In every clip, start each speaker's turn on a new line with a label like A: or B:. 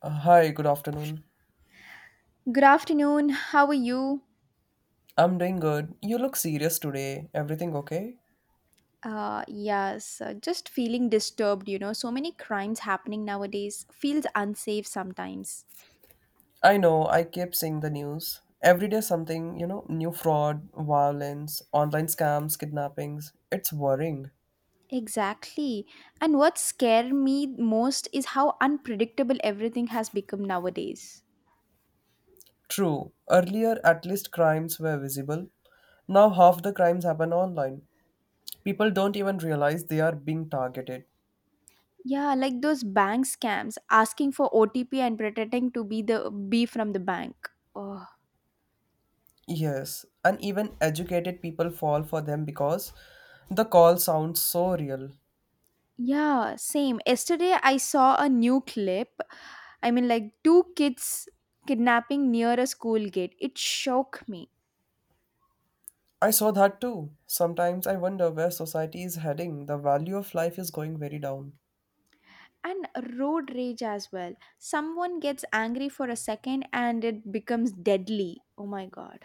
A: Hi, good afternoon.
B: Good afternoon. How are you?
A: I'm doing good. You look serious today. Everything okay?
B: Yes, just feeling disturbed. So many crimes happening nowadays feels unsafe sometimes.
A: I know, I keep seeing the news. Every day something, new fraud, violence, online scams, kidnappings. It's worrying.
B: Exactly. And what scares me most is how unpredictable everything has become nowadays.
A: True, earlier at least crimes were visible. Now half the crimes happen online. People don't even realize they are being targeted.
B: Yeah, like those bank scams asking for OTP and pretending to be from the bank. Oh.
A: Yes, and even educated people fall for them because the call sounds so real.
B: Yeah, same. Yesterday I saw a new clip. I mean, like two kids kidnapping near a school gate. It shook me.
A: I saw that too. Sometimes I wonder where society is heading. The value of life is going very down.
B: And road rage as well. Someone gets angry for a second and it becomes deadly. Oh my god.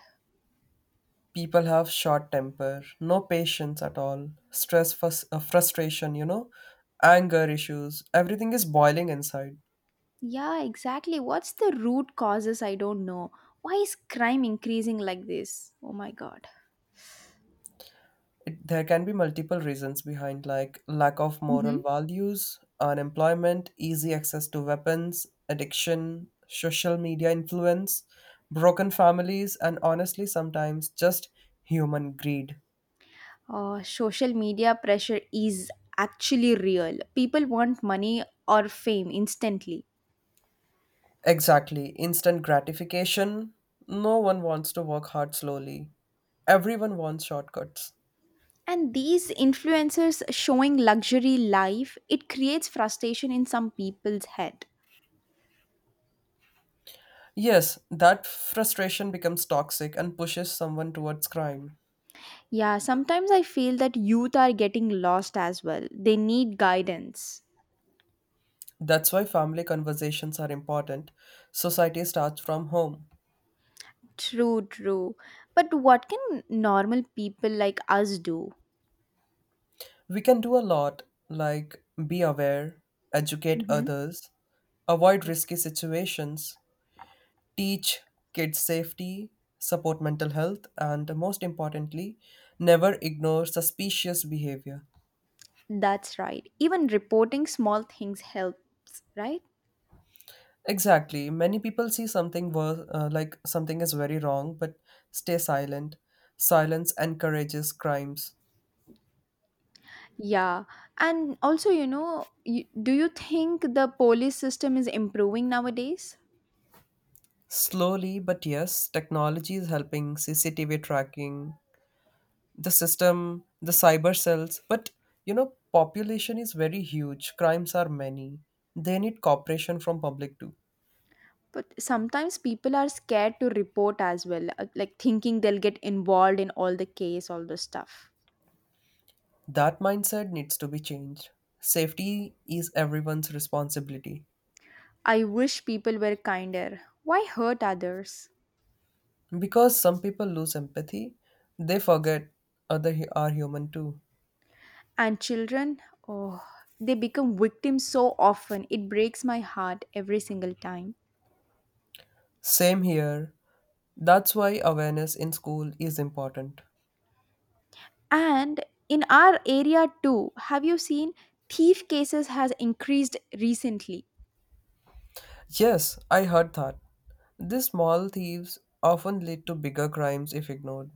A: People have short temper, no patience at all, stress, frustration, anger issues. Everything is boiling inside.
B: Yeah, exactly. What's the root causes? I don't know. Why is crime increasing like this? Oh my god.
A: There can be multiple reasons behind, like lack of moral
B: Hmm.
A: values, unemployment, easy access to weapons, addiction, social media influence, broken families, and honestly, sometimes just human greed.
B: Social media pressure is actually real. People want money or fame instantly.
A: Exactly. Instant gratification. No one wants to work hard slowly. Everyone wants shortcuts.
B: And these influencers showing luxury life, it creates frustration in some people's head.
A: Yes, that frustration becomes toxic and pushes someone towards crime.
B: Yeah, sometimes I feel that youth are getting lost as well. They need guidance.
A: That's why family conversations are important. Society starts from home.
B: True, true. But what can normal people like us do?
A: We can do a lot, like be aware, educate
B: Hmm.
A: others, avoid
B: Okay.
A: risky situations, teach kids safety, support mental health, and most importantly, never ignore suspicious behavior.
B: That's right. Even reporting small things helps, right?
A: Exactly. Many people see something wor- like something is very wrong but stay silent. Silence encourages crimes.
B: Yeah. And also, do you think the police system is improving nowadays?
A: Slowly, but yes, technology is helping CCTV tracking, the system, the cyber cells, but you know, population is very huge, crimes are many. They need cooperation from public too.
B: But sometimes people are scared to report as well, like thinking they'll get involved in all the case, all the stuff.
A: That mindset needs to be changed. Safety is everyone's responsibility.
B: I wish people were kinder. Why hurt others?
A: Because some people lose empathy, they forget other are human too.
B: And children, oh, they become victims so often. It breaks my heart every single time.
A: Same here. That's why awareness in school is important.
B: And in our area too, have you seen thief cases has increased recently?
A: Yes, I heard that. These small thieves often lead to bigger crimes if ignored.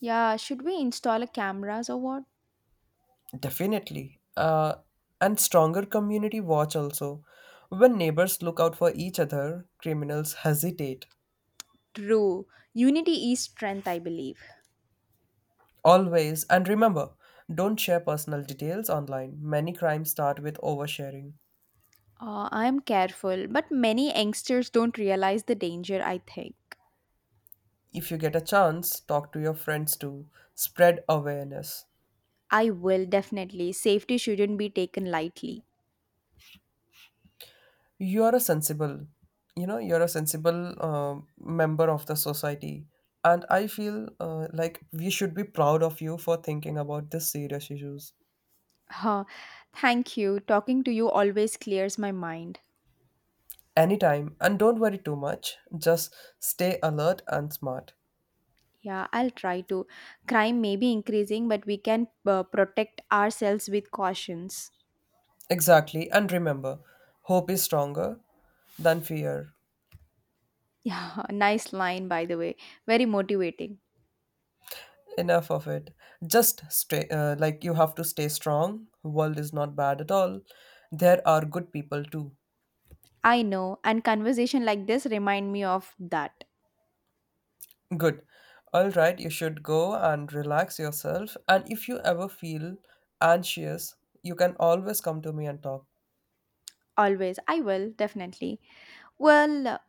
B: Yeah, should we install a cameras or what?
A: Definitely. And stronger community watch also. When neighbors look out for each other, criminals hesitate.
B: True. Unity is strength, I believe.
A: Always, and remember, don't share personal details online. Many crimes start with oversharing.
B: I'm careful, but many youngsters don't realize the danger, I think.
A: If you get a chance, talk to your friends too. Spread awareness.
B: I will definitely. Safety shouldn't be taken lightly.
A: You are a sensible, you're a sensible member of the society. And I feel like we should be proud of you for thinking about these serious issues.
B: Huh. Thank you. Talking to you always clears my mind.
A: Anytime, and don't worry too much, just stay alert and smart.
B: Yeah, I'll try to. Crime may be increasing, but we can protect ourselves with cautions.
A: Exactly, and remember, hope is stronger than fear.
B: Yeah, nice line, by the way. Very motivating.
A: Enough of it, just stay like you have to stay strong, world is not bad at all, there are good people too.
B: I know, and conversation like this remind me of that.
A: Good. All right, you should go and relax yourself, and if you ever feel anxious you can always come to me and talk.
B: Always. I will, definitely. Well,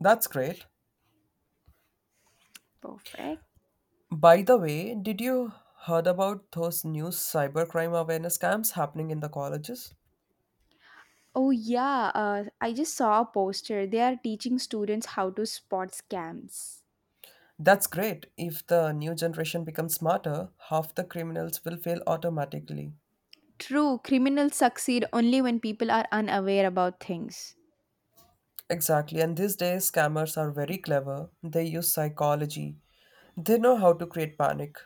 A: That's great.
B: perfect.
A: By the way, did you heard about those new cybercrime awareness camps happening in the colleges?
B: Oh, yeah. I just saw a poster. They are teaching students how to spot scams.
A: That's great. If the new generation becomes smarter, half the criminals will fail automatically.
B: True, criminals succeed only when people are unaware about things.
A: Exactly, and these days scammers are very clever. They use psychology. They know how to create panic.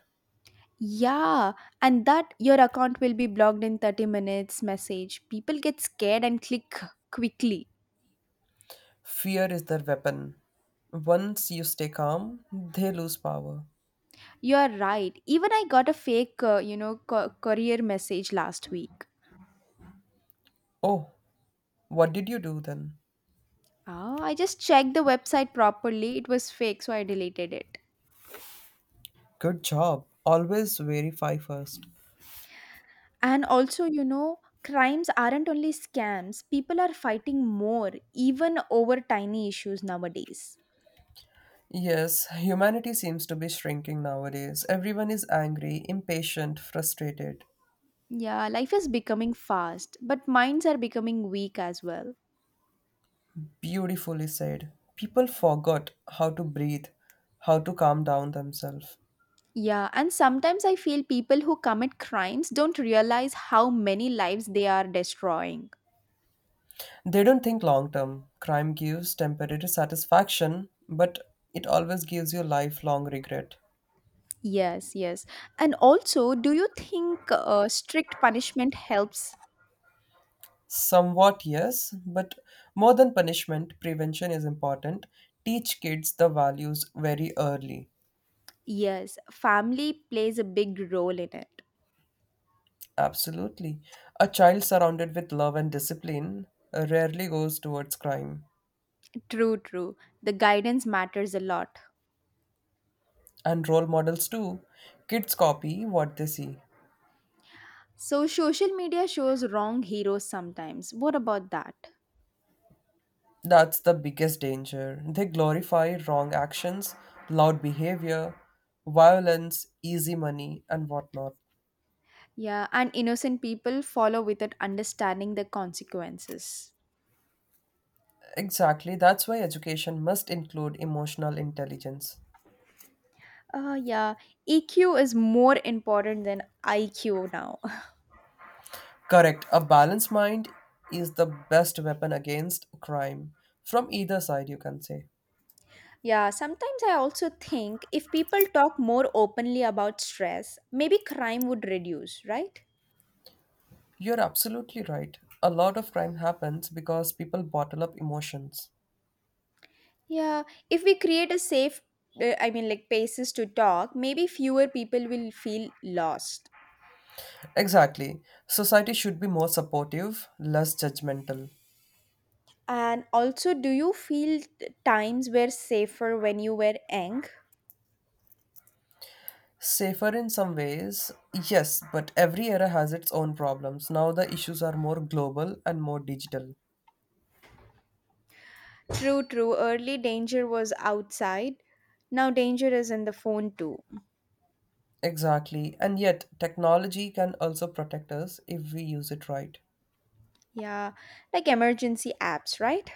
B: Yeah, and that your account will be blocked in 30 minutes message. People get scared and click quickly.
A: Fear is their weapon. Once you stay calm, they lose power.
B: You are right. Even I got a fake, courier message last week.
A: Oh, what did you do then?
B: Ah, I just checked the website properly. It was fake, so I deleted it.
A: Good job. Always verify first.
B: And also, you know, crimes aren't only scams, people are fighting more, even over tiny issues nowadays.
A: Yes, humanity seems to be shrinking nowadays. Everyone is angry, impatient, frustrated.
B: Yeah, life is becoming fast, but minds are becoming weak as well.
A: Beautifully said. People forgot how to breathe, how to calm down themselves.
B: Yeah, and sometimes I feel people who commit crimes don't realize how many lives they are destroying.
A: They don't think long term. Crime gives temporary satisfaction, but it always gives you lifelong regret.
B: Yes, yes. And also, do you think strict punishment helps?
A: Somewhat, yes, but more than punishment, prevention is important. Teach kids the values very early.
B: Yes, family plays a big role in it.
A: Absolutely. A child surrounded with love and discipline rarely goes towards crime.
B: True, true. The guidance matters a lot.
A: And role models too. Kids copy what they see.
B: So social media shows wrong heroes sometimes. What about that?
A: That's the biggest danger. They glorify wrong actions, loud behavior, violence, easy money, and whatnot.
B: Yeah, and innocent people follow without understanding the consequences.
A: Exactly, that's why education must include emotional intelligence.
B: Uh, yeah, EQ is more important than IQ now.
A: Correct, a balanced mind is the best weapon against crime, from either side, you can say.
B: yeah, sometimes I also think if people talk more openly about stress, maybe crime would reduce, right?
A: You're absolutely right. A lot of crime happens because people bottle up emotions.
B: Yeah, if we create a safe, I mean, like places to talk, maybe fewer people will feel lost.
A: Exactly. Society should be more supportive, less judgmental.
B: And also, do you feel times were safer when you were young?
A: Safer in some ways, yes, but every era has its own problems. Now the issues are more global and more digital.
B: True, true. Early danger was outside. Now danger is in the phone too.
A: Exactly, and yet technology can also protect us if we use it right.
B: Yeah, like emergency apps, right?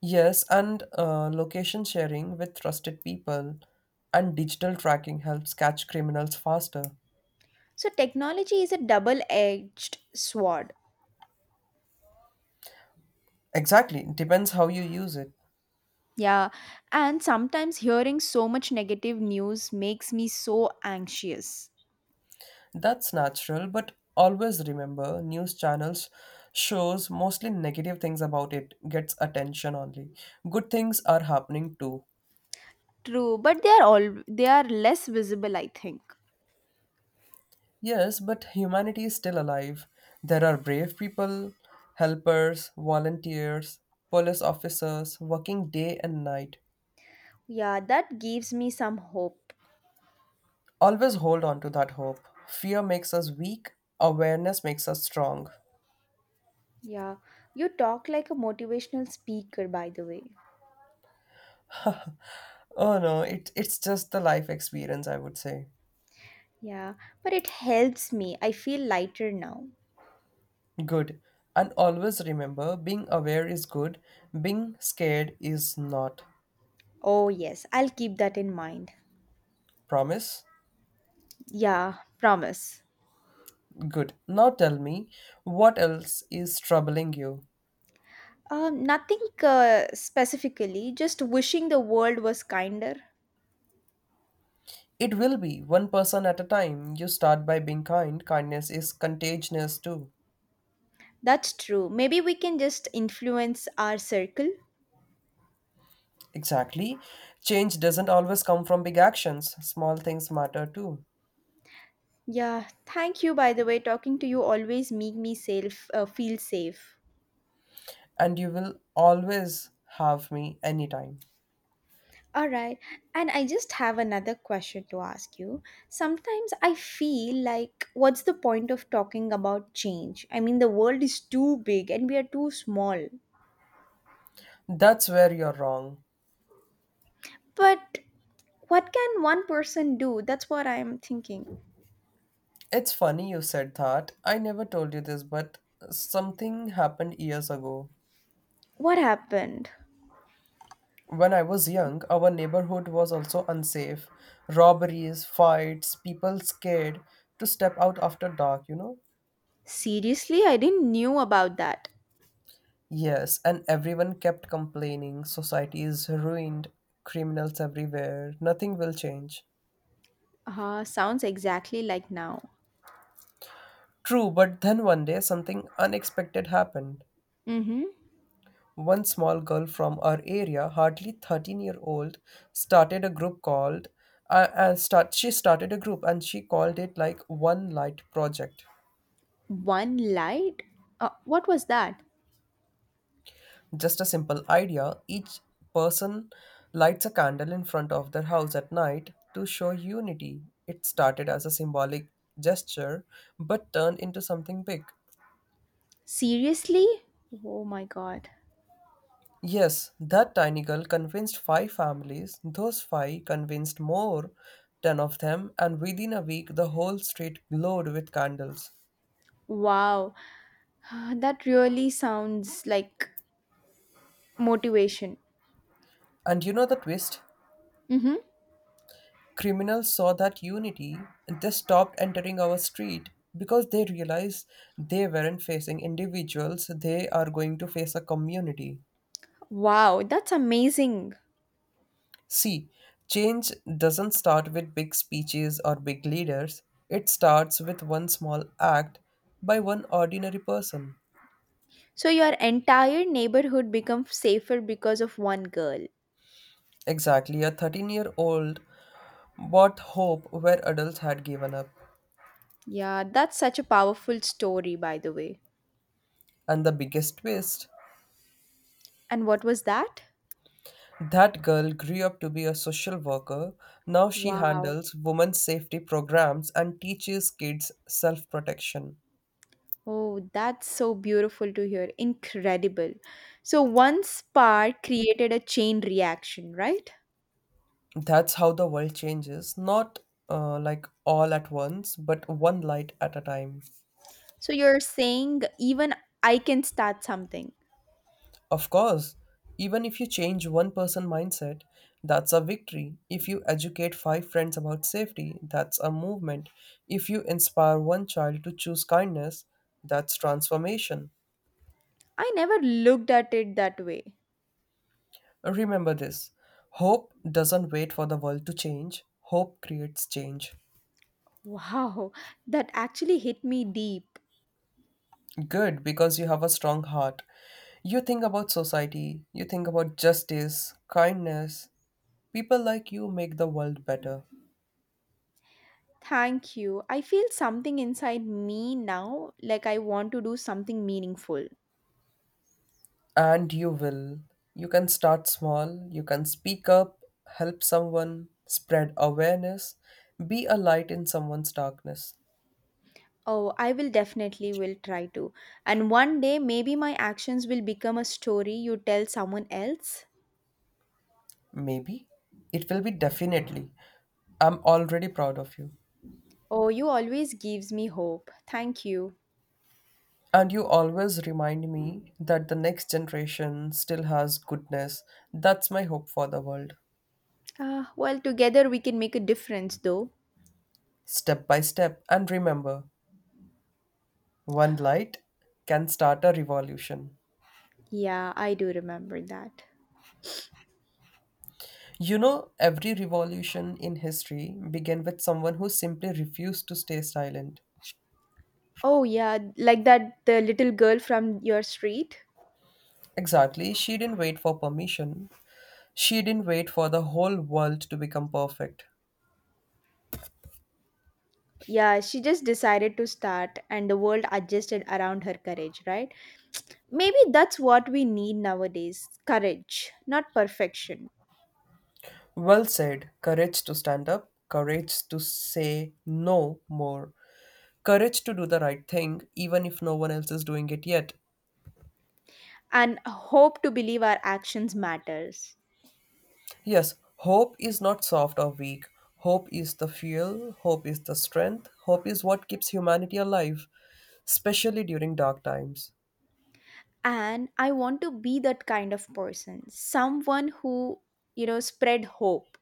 A: Yes, and location sharing with trusted people and digital tracking helps catch criminals faster.
B: So technology is a double-edged sword.
A: Exactly, depends how you use it.
B: Yeah, and sometimes hearing so much negative news makes me so anxious.
A: That's natural, but always remember news channels shows mostly negative things about it gets attention only. Good things are happening too.
B: True, but they are less visible, I think.
A: Yes, but humanity is still alive. There are brave people, helpers, volunteers, police officers working day and night.
B: Yeah, that gives me some hope.
A: Always hold on to that hope. Fear makes us weak, awareness makes us strong.
B: Yeah, you talk like a motivational speaker, by the way.
A: Oh no, it's just the life experience, I would say.
B: Yeah, but it helps me. I feel lighter now.
A: Good. And always remember being aware is good, being scared is not.
B: Oh, yes, I'll keep that in mind.
A: Promise?
B: Yeah, promise.
A: Good. Now tell me, what else is troubling you?
B: Nothing specifically, just wishing the world was kinder.
A: It will be one person at a time. You start by being kind. Kindness is contagious too.
B: That's true. Maybe we can just influence our circle.
A: Exactly. Change doesn't always come from big actions, small things matter too.
B: Yeah, thank you, by the way. Talking to you always make me feel safe.
A: And you will always have me anytime.
B: All right. And I just have another question to ask you. Sometimes I feel like, what's the point of talking about change? I mean, the world is too big and we are too small.
A: That's where you're wrong.
B: But what can one person do? That's what I'm thinking.
A: It's funny you said that. I never told you this, but something happened years ago.
B: What happened?
A: When I was young, our neighborhood was also unsafe. Robberies, fights, people scared to step out after dark, you know?
B: Seriously, I didn't knew about that.
A: Yes, and everyone kept complaining society is ruined, criminals everywhere, nothing will change.
B: Sounds exactly like now.
A: True, but then one day something unexpected happened.
B: Mm-hmm.
A: One small girl from our area, hardly 13-year-old, started a group called and start she started a group and she called it like one light project.
B: One light? What was that?
A: Just a simple idea, each person lights a candle in front of their house at night to show unity. It started as a symbolic gesture but turned into something big.
B: Seriously? Oh my god.
A: Yes, that tiny girl convinced five families. Those five convinced more, 10 of them, and within a week the whole street glowed with candles.
B: Wow, that really sounds like motivation.
A: And you know the twist?
B: Mm-hmm.
A: Criminals saw that unity and they stopped entering our street because they realized they weren't facing individuals, they are going to face a community.
B: Wow, that's amazing.
A: See, change doesn't start with big speeches or big leaders, it starts with one small act by one ordinary person.
B: So your entire neighborhood becomes safer because of one girl.
A: Exactly, a 13-year-old bought hope where adults had given up.
B: Yeah, that's such a powerful story, by the way.
A: And the biggest twist,
B: And what was that?
A: that girl grew up to be a social worker. Now she
B: Wow.
A: handles women's safety programs and teaches kids self protection.
B: Oh, that's so beautiful to hear. Incredible. So one spark created a chain reaction, right?
A: That's how the world changes, not like all at once, but one light at a time.
B: So you're saying even I can start something.
A: Of course, even if you change one person mindset, that's a victory. If you educate 5 friends about safety, that's a movement. If you inspire one child to choose kindness, that's transformation.
B: I never looked at it that way.
A: Remember this. Hope doesn't wait for the world to change. Hope creates change.
B: Wow, that actually hit me deep.
A: Good, because you have a strong heart. You think about society, you think about justice, kindness. People like you make the world better.
B: Thank you. I feel something inside me now, like I want to do something meaningful.
A: And you will. You can start small, you can speak up, help someone, spread awareness, be a light in someone's darkness.
B: Oh, I will definitely will try to. And one day maybe my actions will become a story you tell someone else.
A: Maybe. It will be definitely. I'm already proud of you.
B: Oh, you always gives me hope. Thank you.
A: And you always remind me that the next generation still has goodness. That's my hope for the world.
B: Ah, well, together we can make a difference though.
A: Step by step, and remember, one light can start a revolution.
B: Yeah, I do remember that.
A: You know, every revolution in history began with someone who simply refused to stay silent.
B: Oh yeah, like that the little girl from your street.
A: Exactly, she didn't wait for permission. She didn't wait for the whole world to become perfect.
B: Yeah, she just decided to start and the world adjusted around her courage, right? Maybe that's what we need nowadays courage, not perfection,
A: Well said, courage to stand up, courage to say no more, courage to do the right thing even if no one else is doing it yet.
B: and hope to believe our actions matters.
A: Yes, hope is not soft or weak. Hope is the fuel, hope is the strength, hope is what keeps humanity alive, especially during dark times.
B: And I want to be that kind of person, someone who spread hope.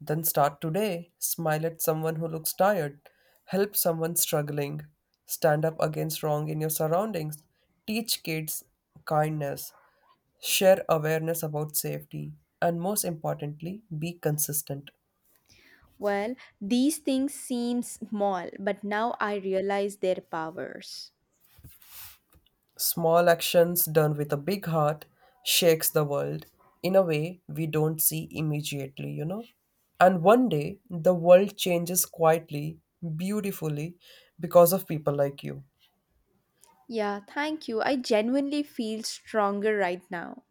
A: Then start today. Smile at someone who looks tired. Help someone struggling. Stand up against wrong in your surroundings. Teach kids kindness. Share awareness about safety. And most importantly, be consistent.
B: Well, these things seem small, but now I realize their powers.
A: Small actions done with a big heart shakes the world in a way we don't see immediately, you know? And one day, the world changes quietly, beautifully, because of people like you.
B: Yeah, thank you. I genuinely feel stronger right now.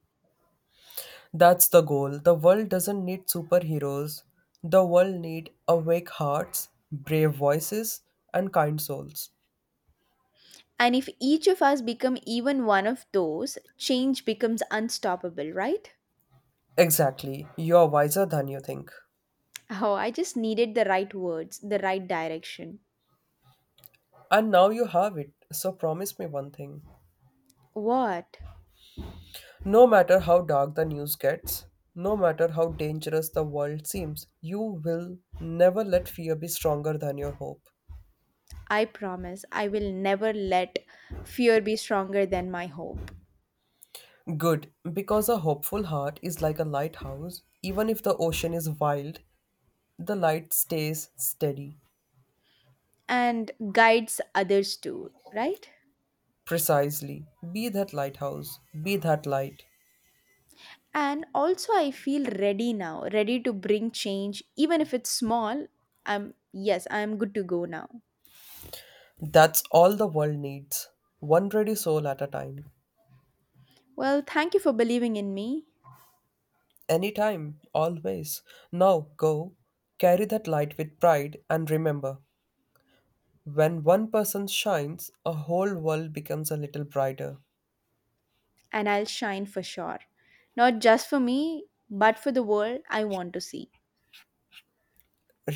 A: That's the goal. The world doesn't need superheroes. The world need awake hearts, brave voices, and kind souls.
B: And if each of us become even one of those, change becomes unstoppable, right?
A: Exactly. You're wiser than you think.
B: Oh, I just needed the right words, the right direction.
A: And now you have it. So promise me one thing.
B: What?
A: No matter how dark the news gets, no matter how dangerous the world seems, you will never let fear be stronger than your hope.
B: I promise I will never let fear be stronger than my hope
A: Good, because a hopeful heart is like a lighthouse. Even if the ocean is wild, the light stays steady.
B: and guides others too, right?
A: Precisely. Be that lighthouse. Be that light.
B: And also I feel ready now, ready to bring change even if it's small. I'm good to go now.
A: That's all the world needs. One ready soul at a time.
B: Well, thank you for believing in me.
A: Anytime. Always. Now go. Carry that light with pride and remember, when one person shines, a whole world becomes a little brighter.
B: And I'll shine for sure. Not just for me, but for the world I want to see.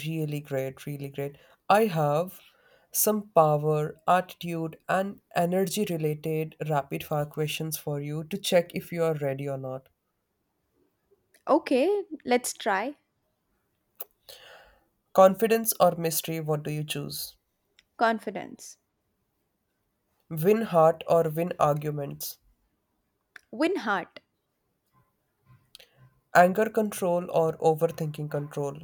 A: Really great. Really great. I have some power, attitude, and energy related rapid fire questions for you to check if you are ready or not.
B: Okay, let's try.
A: Confidence or mystery, what do you choose?
B: Confidence.
A: Win heart or win arguments.
B: Win heart.
A: Anger control or overthinking control.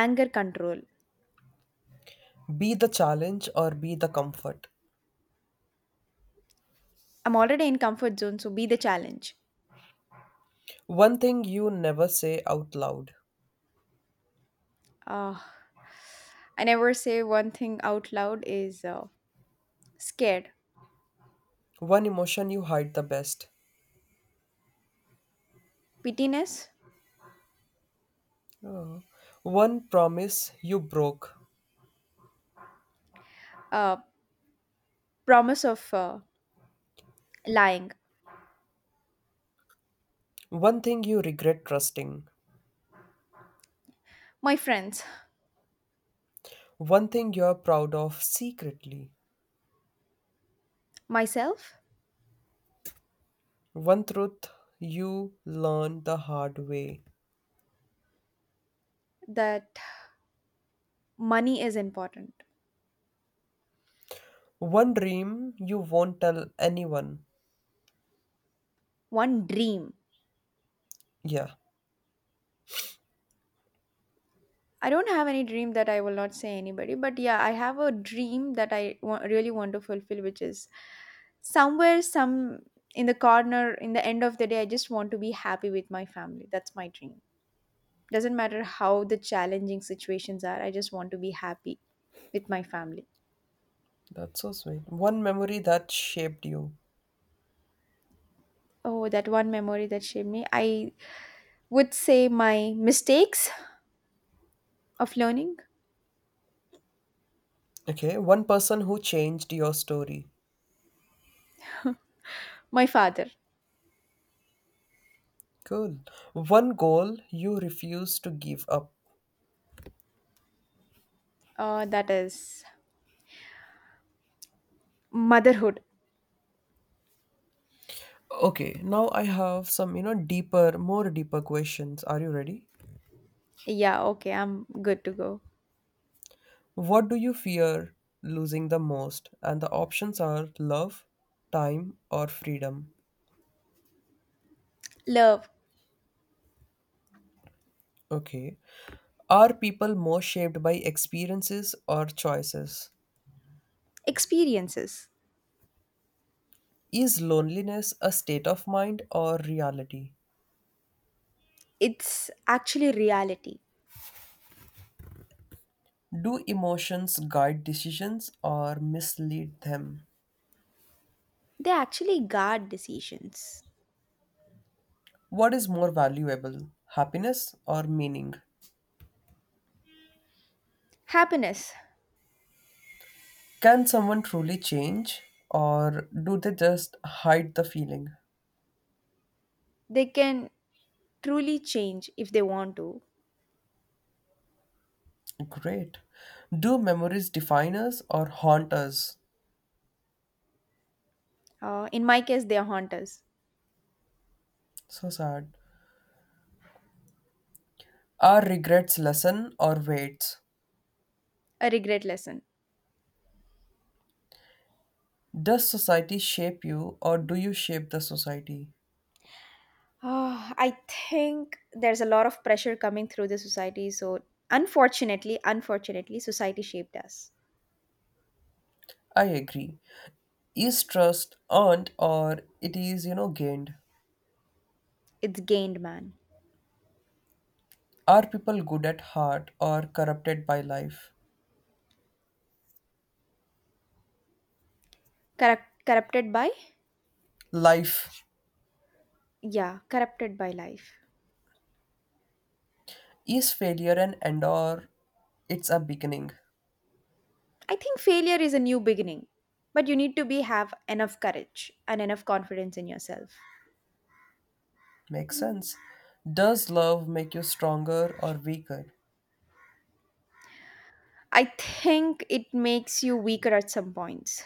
B: Anger control.
A: Be the challenge or be the comfort.
B: I'm already in comfort zone, so be the challenge.
A: One thing you never say out loud.
B: Uh, I never say one thing out loud is scared.
A: One emotion you hide the best.
B: Pittiness.
A: Oh. One promise you broke.
B: Uh, Promise of lying.
A: One thing you regret trusting.
B: My friends.
A: One thing you're proud of secretly.
B: Myself.
A: One truth you learned the hard way.
B: That money is important.
A: One dream you won't tell anyone.
B: One dream.
A: Yeah.
B: I don't have any dream that I will not say anybody, but yeah, I have a dream that I really want to fulfill, which is somewhere, some in the corner, in the end of the day, I just want to be happy with my family. That's my dream. Doesn't matter how the challenging situations are, I just want to be happy with my family.
A: That's so sweet. One memory that shaped you.
B: Oh, that one memory that shaped me. I would say my mistakes of learning.
A: Okay, one person who changed your story.
B: My father.
A: Cool. One goal you refuse to give up.
B: That is motherhood.
A: Okay, now I have some, deeper, more deeper questions. Are you ready?
B: Yeah, okay, I'm good to go.
A: What do you fear losing the most? And the options are love, time, or freedom.
B: Love
A: Okay. Are people more shaped by experiences or choices?
B: experiences.
A: Is loneliness a state of mind or reality?
B: It's actually reality.
A: Do emotions guide decisions or mislead them?
B: They actually guard decisions.
A: What is more valuable, happiness or meaning?
B: Happiness,
A: Can someone truly change or do they just hide the feeling?
B: they can truly change if they want to.
A: Great. Do memories define us or haunt us?
B: In my case, they haunt us.
A: So sad. Are regrets lesson or weights?
B: A regret lesson.
A: Does society shape you or do you shape the society?
B: Oh, I think there's a lot of pressure coming through the society. So, unfortunately, society shaped us.
A: I agree. Is trust earned or it is, gained?
B: It's gained man.
A: Are people good at heart or corrupted by life?
B: Corrupted by?
A: Life.
B: Yeah, corrupted by life.
A: Is failure an end or it's a beginning?
B: I think failure is a new beginning, but you need to be have enough courage and enough confidence in yourself.
A: Makes sense. Does love make you stronger or weaker?
B: I think it makes you weaker at some points.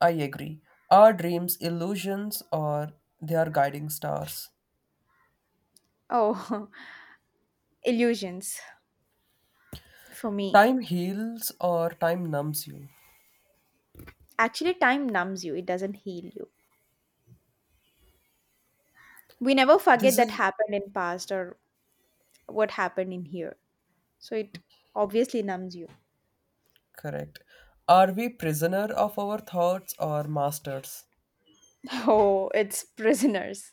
A: I agree. Are dreams illusions or they are guiding stars?
B: Oh, illusions for me.
A: Time heals or time numbs you.
B: Actually, time numbs you. It doesn't heal you. We never forget
A: This
B: that
A: is
B: happened in past or what happened in here. So it obviously numbs you.
A: correct. Are we prisoner of our thoughts or masters?
B: Oh, it's prisoners.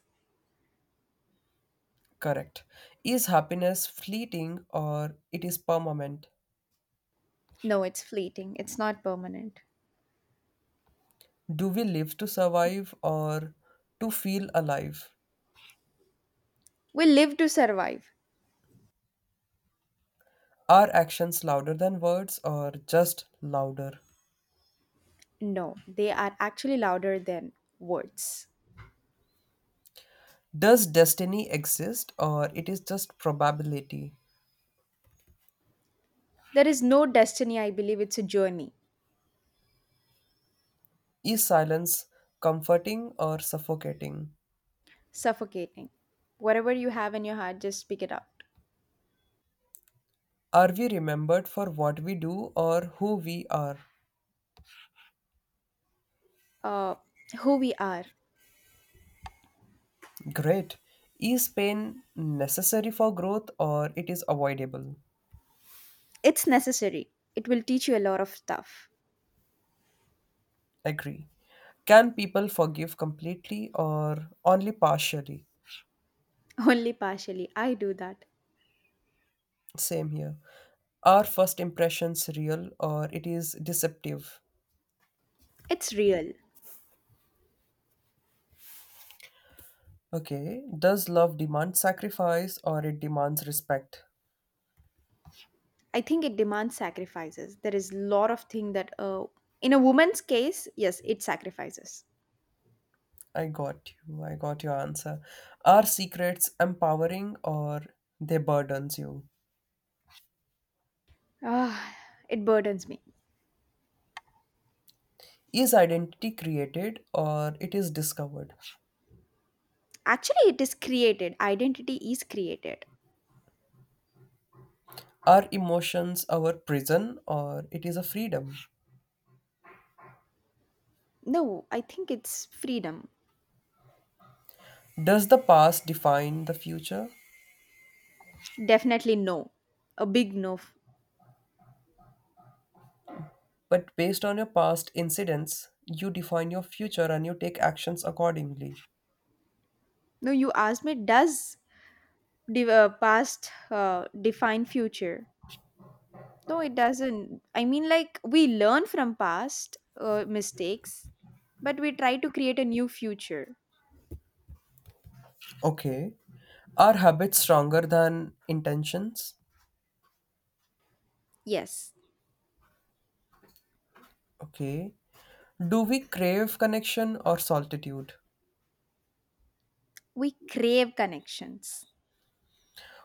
A: Correct. Is happiness fleeting or it is permanent?
B: No, it's fleeting. It's not permanent.
A: Do we live to survive or to feel alive?
B: We live to survive.
A: Are actions louder than words or just louder?
B: No, they are actually louder than words.
A: Does destiny exist or it is just probability?
B: There is no destiny, I believe. It's a journey,
A: Is silence comforting or suffocating?
B: suffocating. Whatever you have in your heart, just speak it out.
A: Are we remembered for what we do or who we are?
B: Uh, who we are.
A: Great. Is pain necessary for growth or it is avoidable?
B: It's necessary. It will teach you a lot of stuff.
A: Agree. Can people forgive completely or only partially?
B: Only partially. I do that.
A: Same here. Are first impressions real or it is deceptive?
B: It's real.
A: Okay, does love demand sacrifice or it demands respect?
B: I think it demands sacrifices. There is a lot of thing that, in a woman's case, yes, it sacrifices.
A: I got you. I got your answer. Are secrets empowering or they burdens you?
B: Ah, it burdens me.
A: Is identity created or it is discovered?
B: Actually, it is created. Identity is created.
A: Are emotions our prison or it is a freedom?
B: No, I think it's freedom.
A: Does the past define the future?
B: Definitely no. A big no.
A: But based on your past incidents, you define your future and you take actions accordingly.
B: No, you asked me, does the past define future? No, it doesn't. I mean, like, we learn from past mistakes, but we try to create a new future.
A: Okay. Are habits stronger than intentions?
B: Yes,
A: Okay. Do we crave connection or solitude?
B: we crave connections.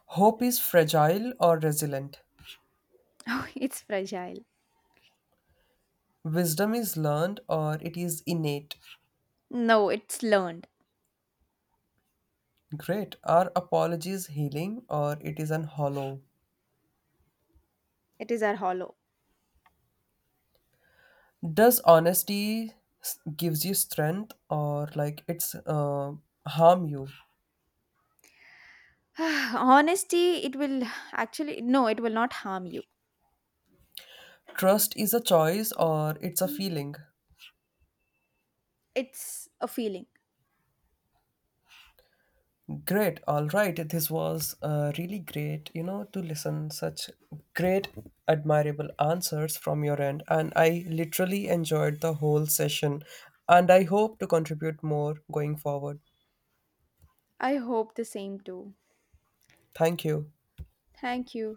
A: Hope is fragile or resilient?
B: Oh, it's fragile.
A: Wisdom is learned or it is innate?
B: No, it's learned.
A: Great. Are apologies healing or it is an hollow?
B: It is our hollow.
A: Does honesty gives you strength or like it's harm you?
B: Honesty, no, it will not harm you.
A: Trust is a choice or it's a feeling.
B: It's a feeling.
A: Great. All right. This was really great, to listen such great admirable answers from your end and I literally enjoyed the whole session and I hope to contribute more going forward.
B: I hope the same too.
A: Thank you.
B: Thank you.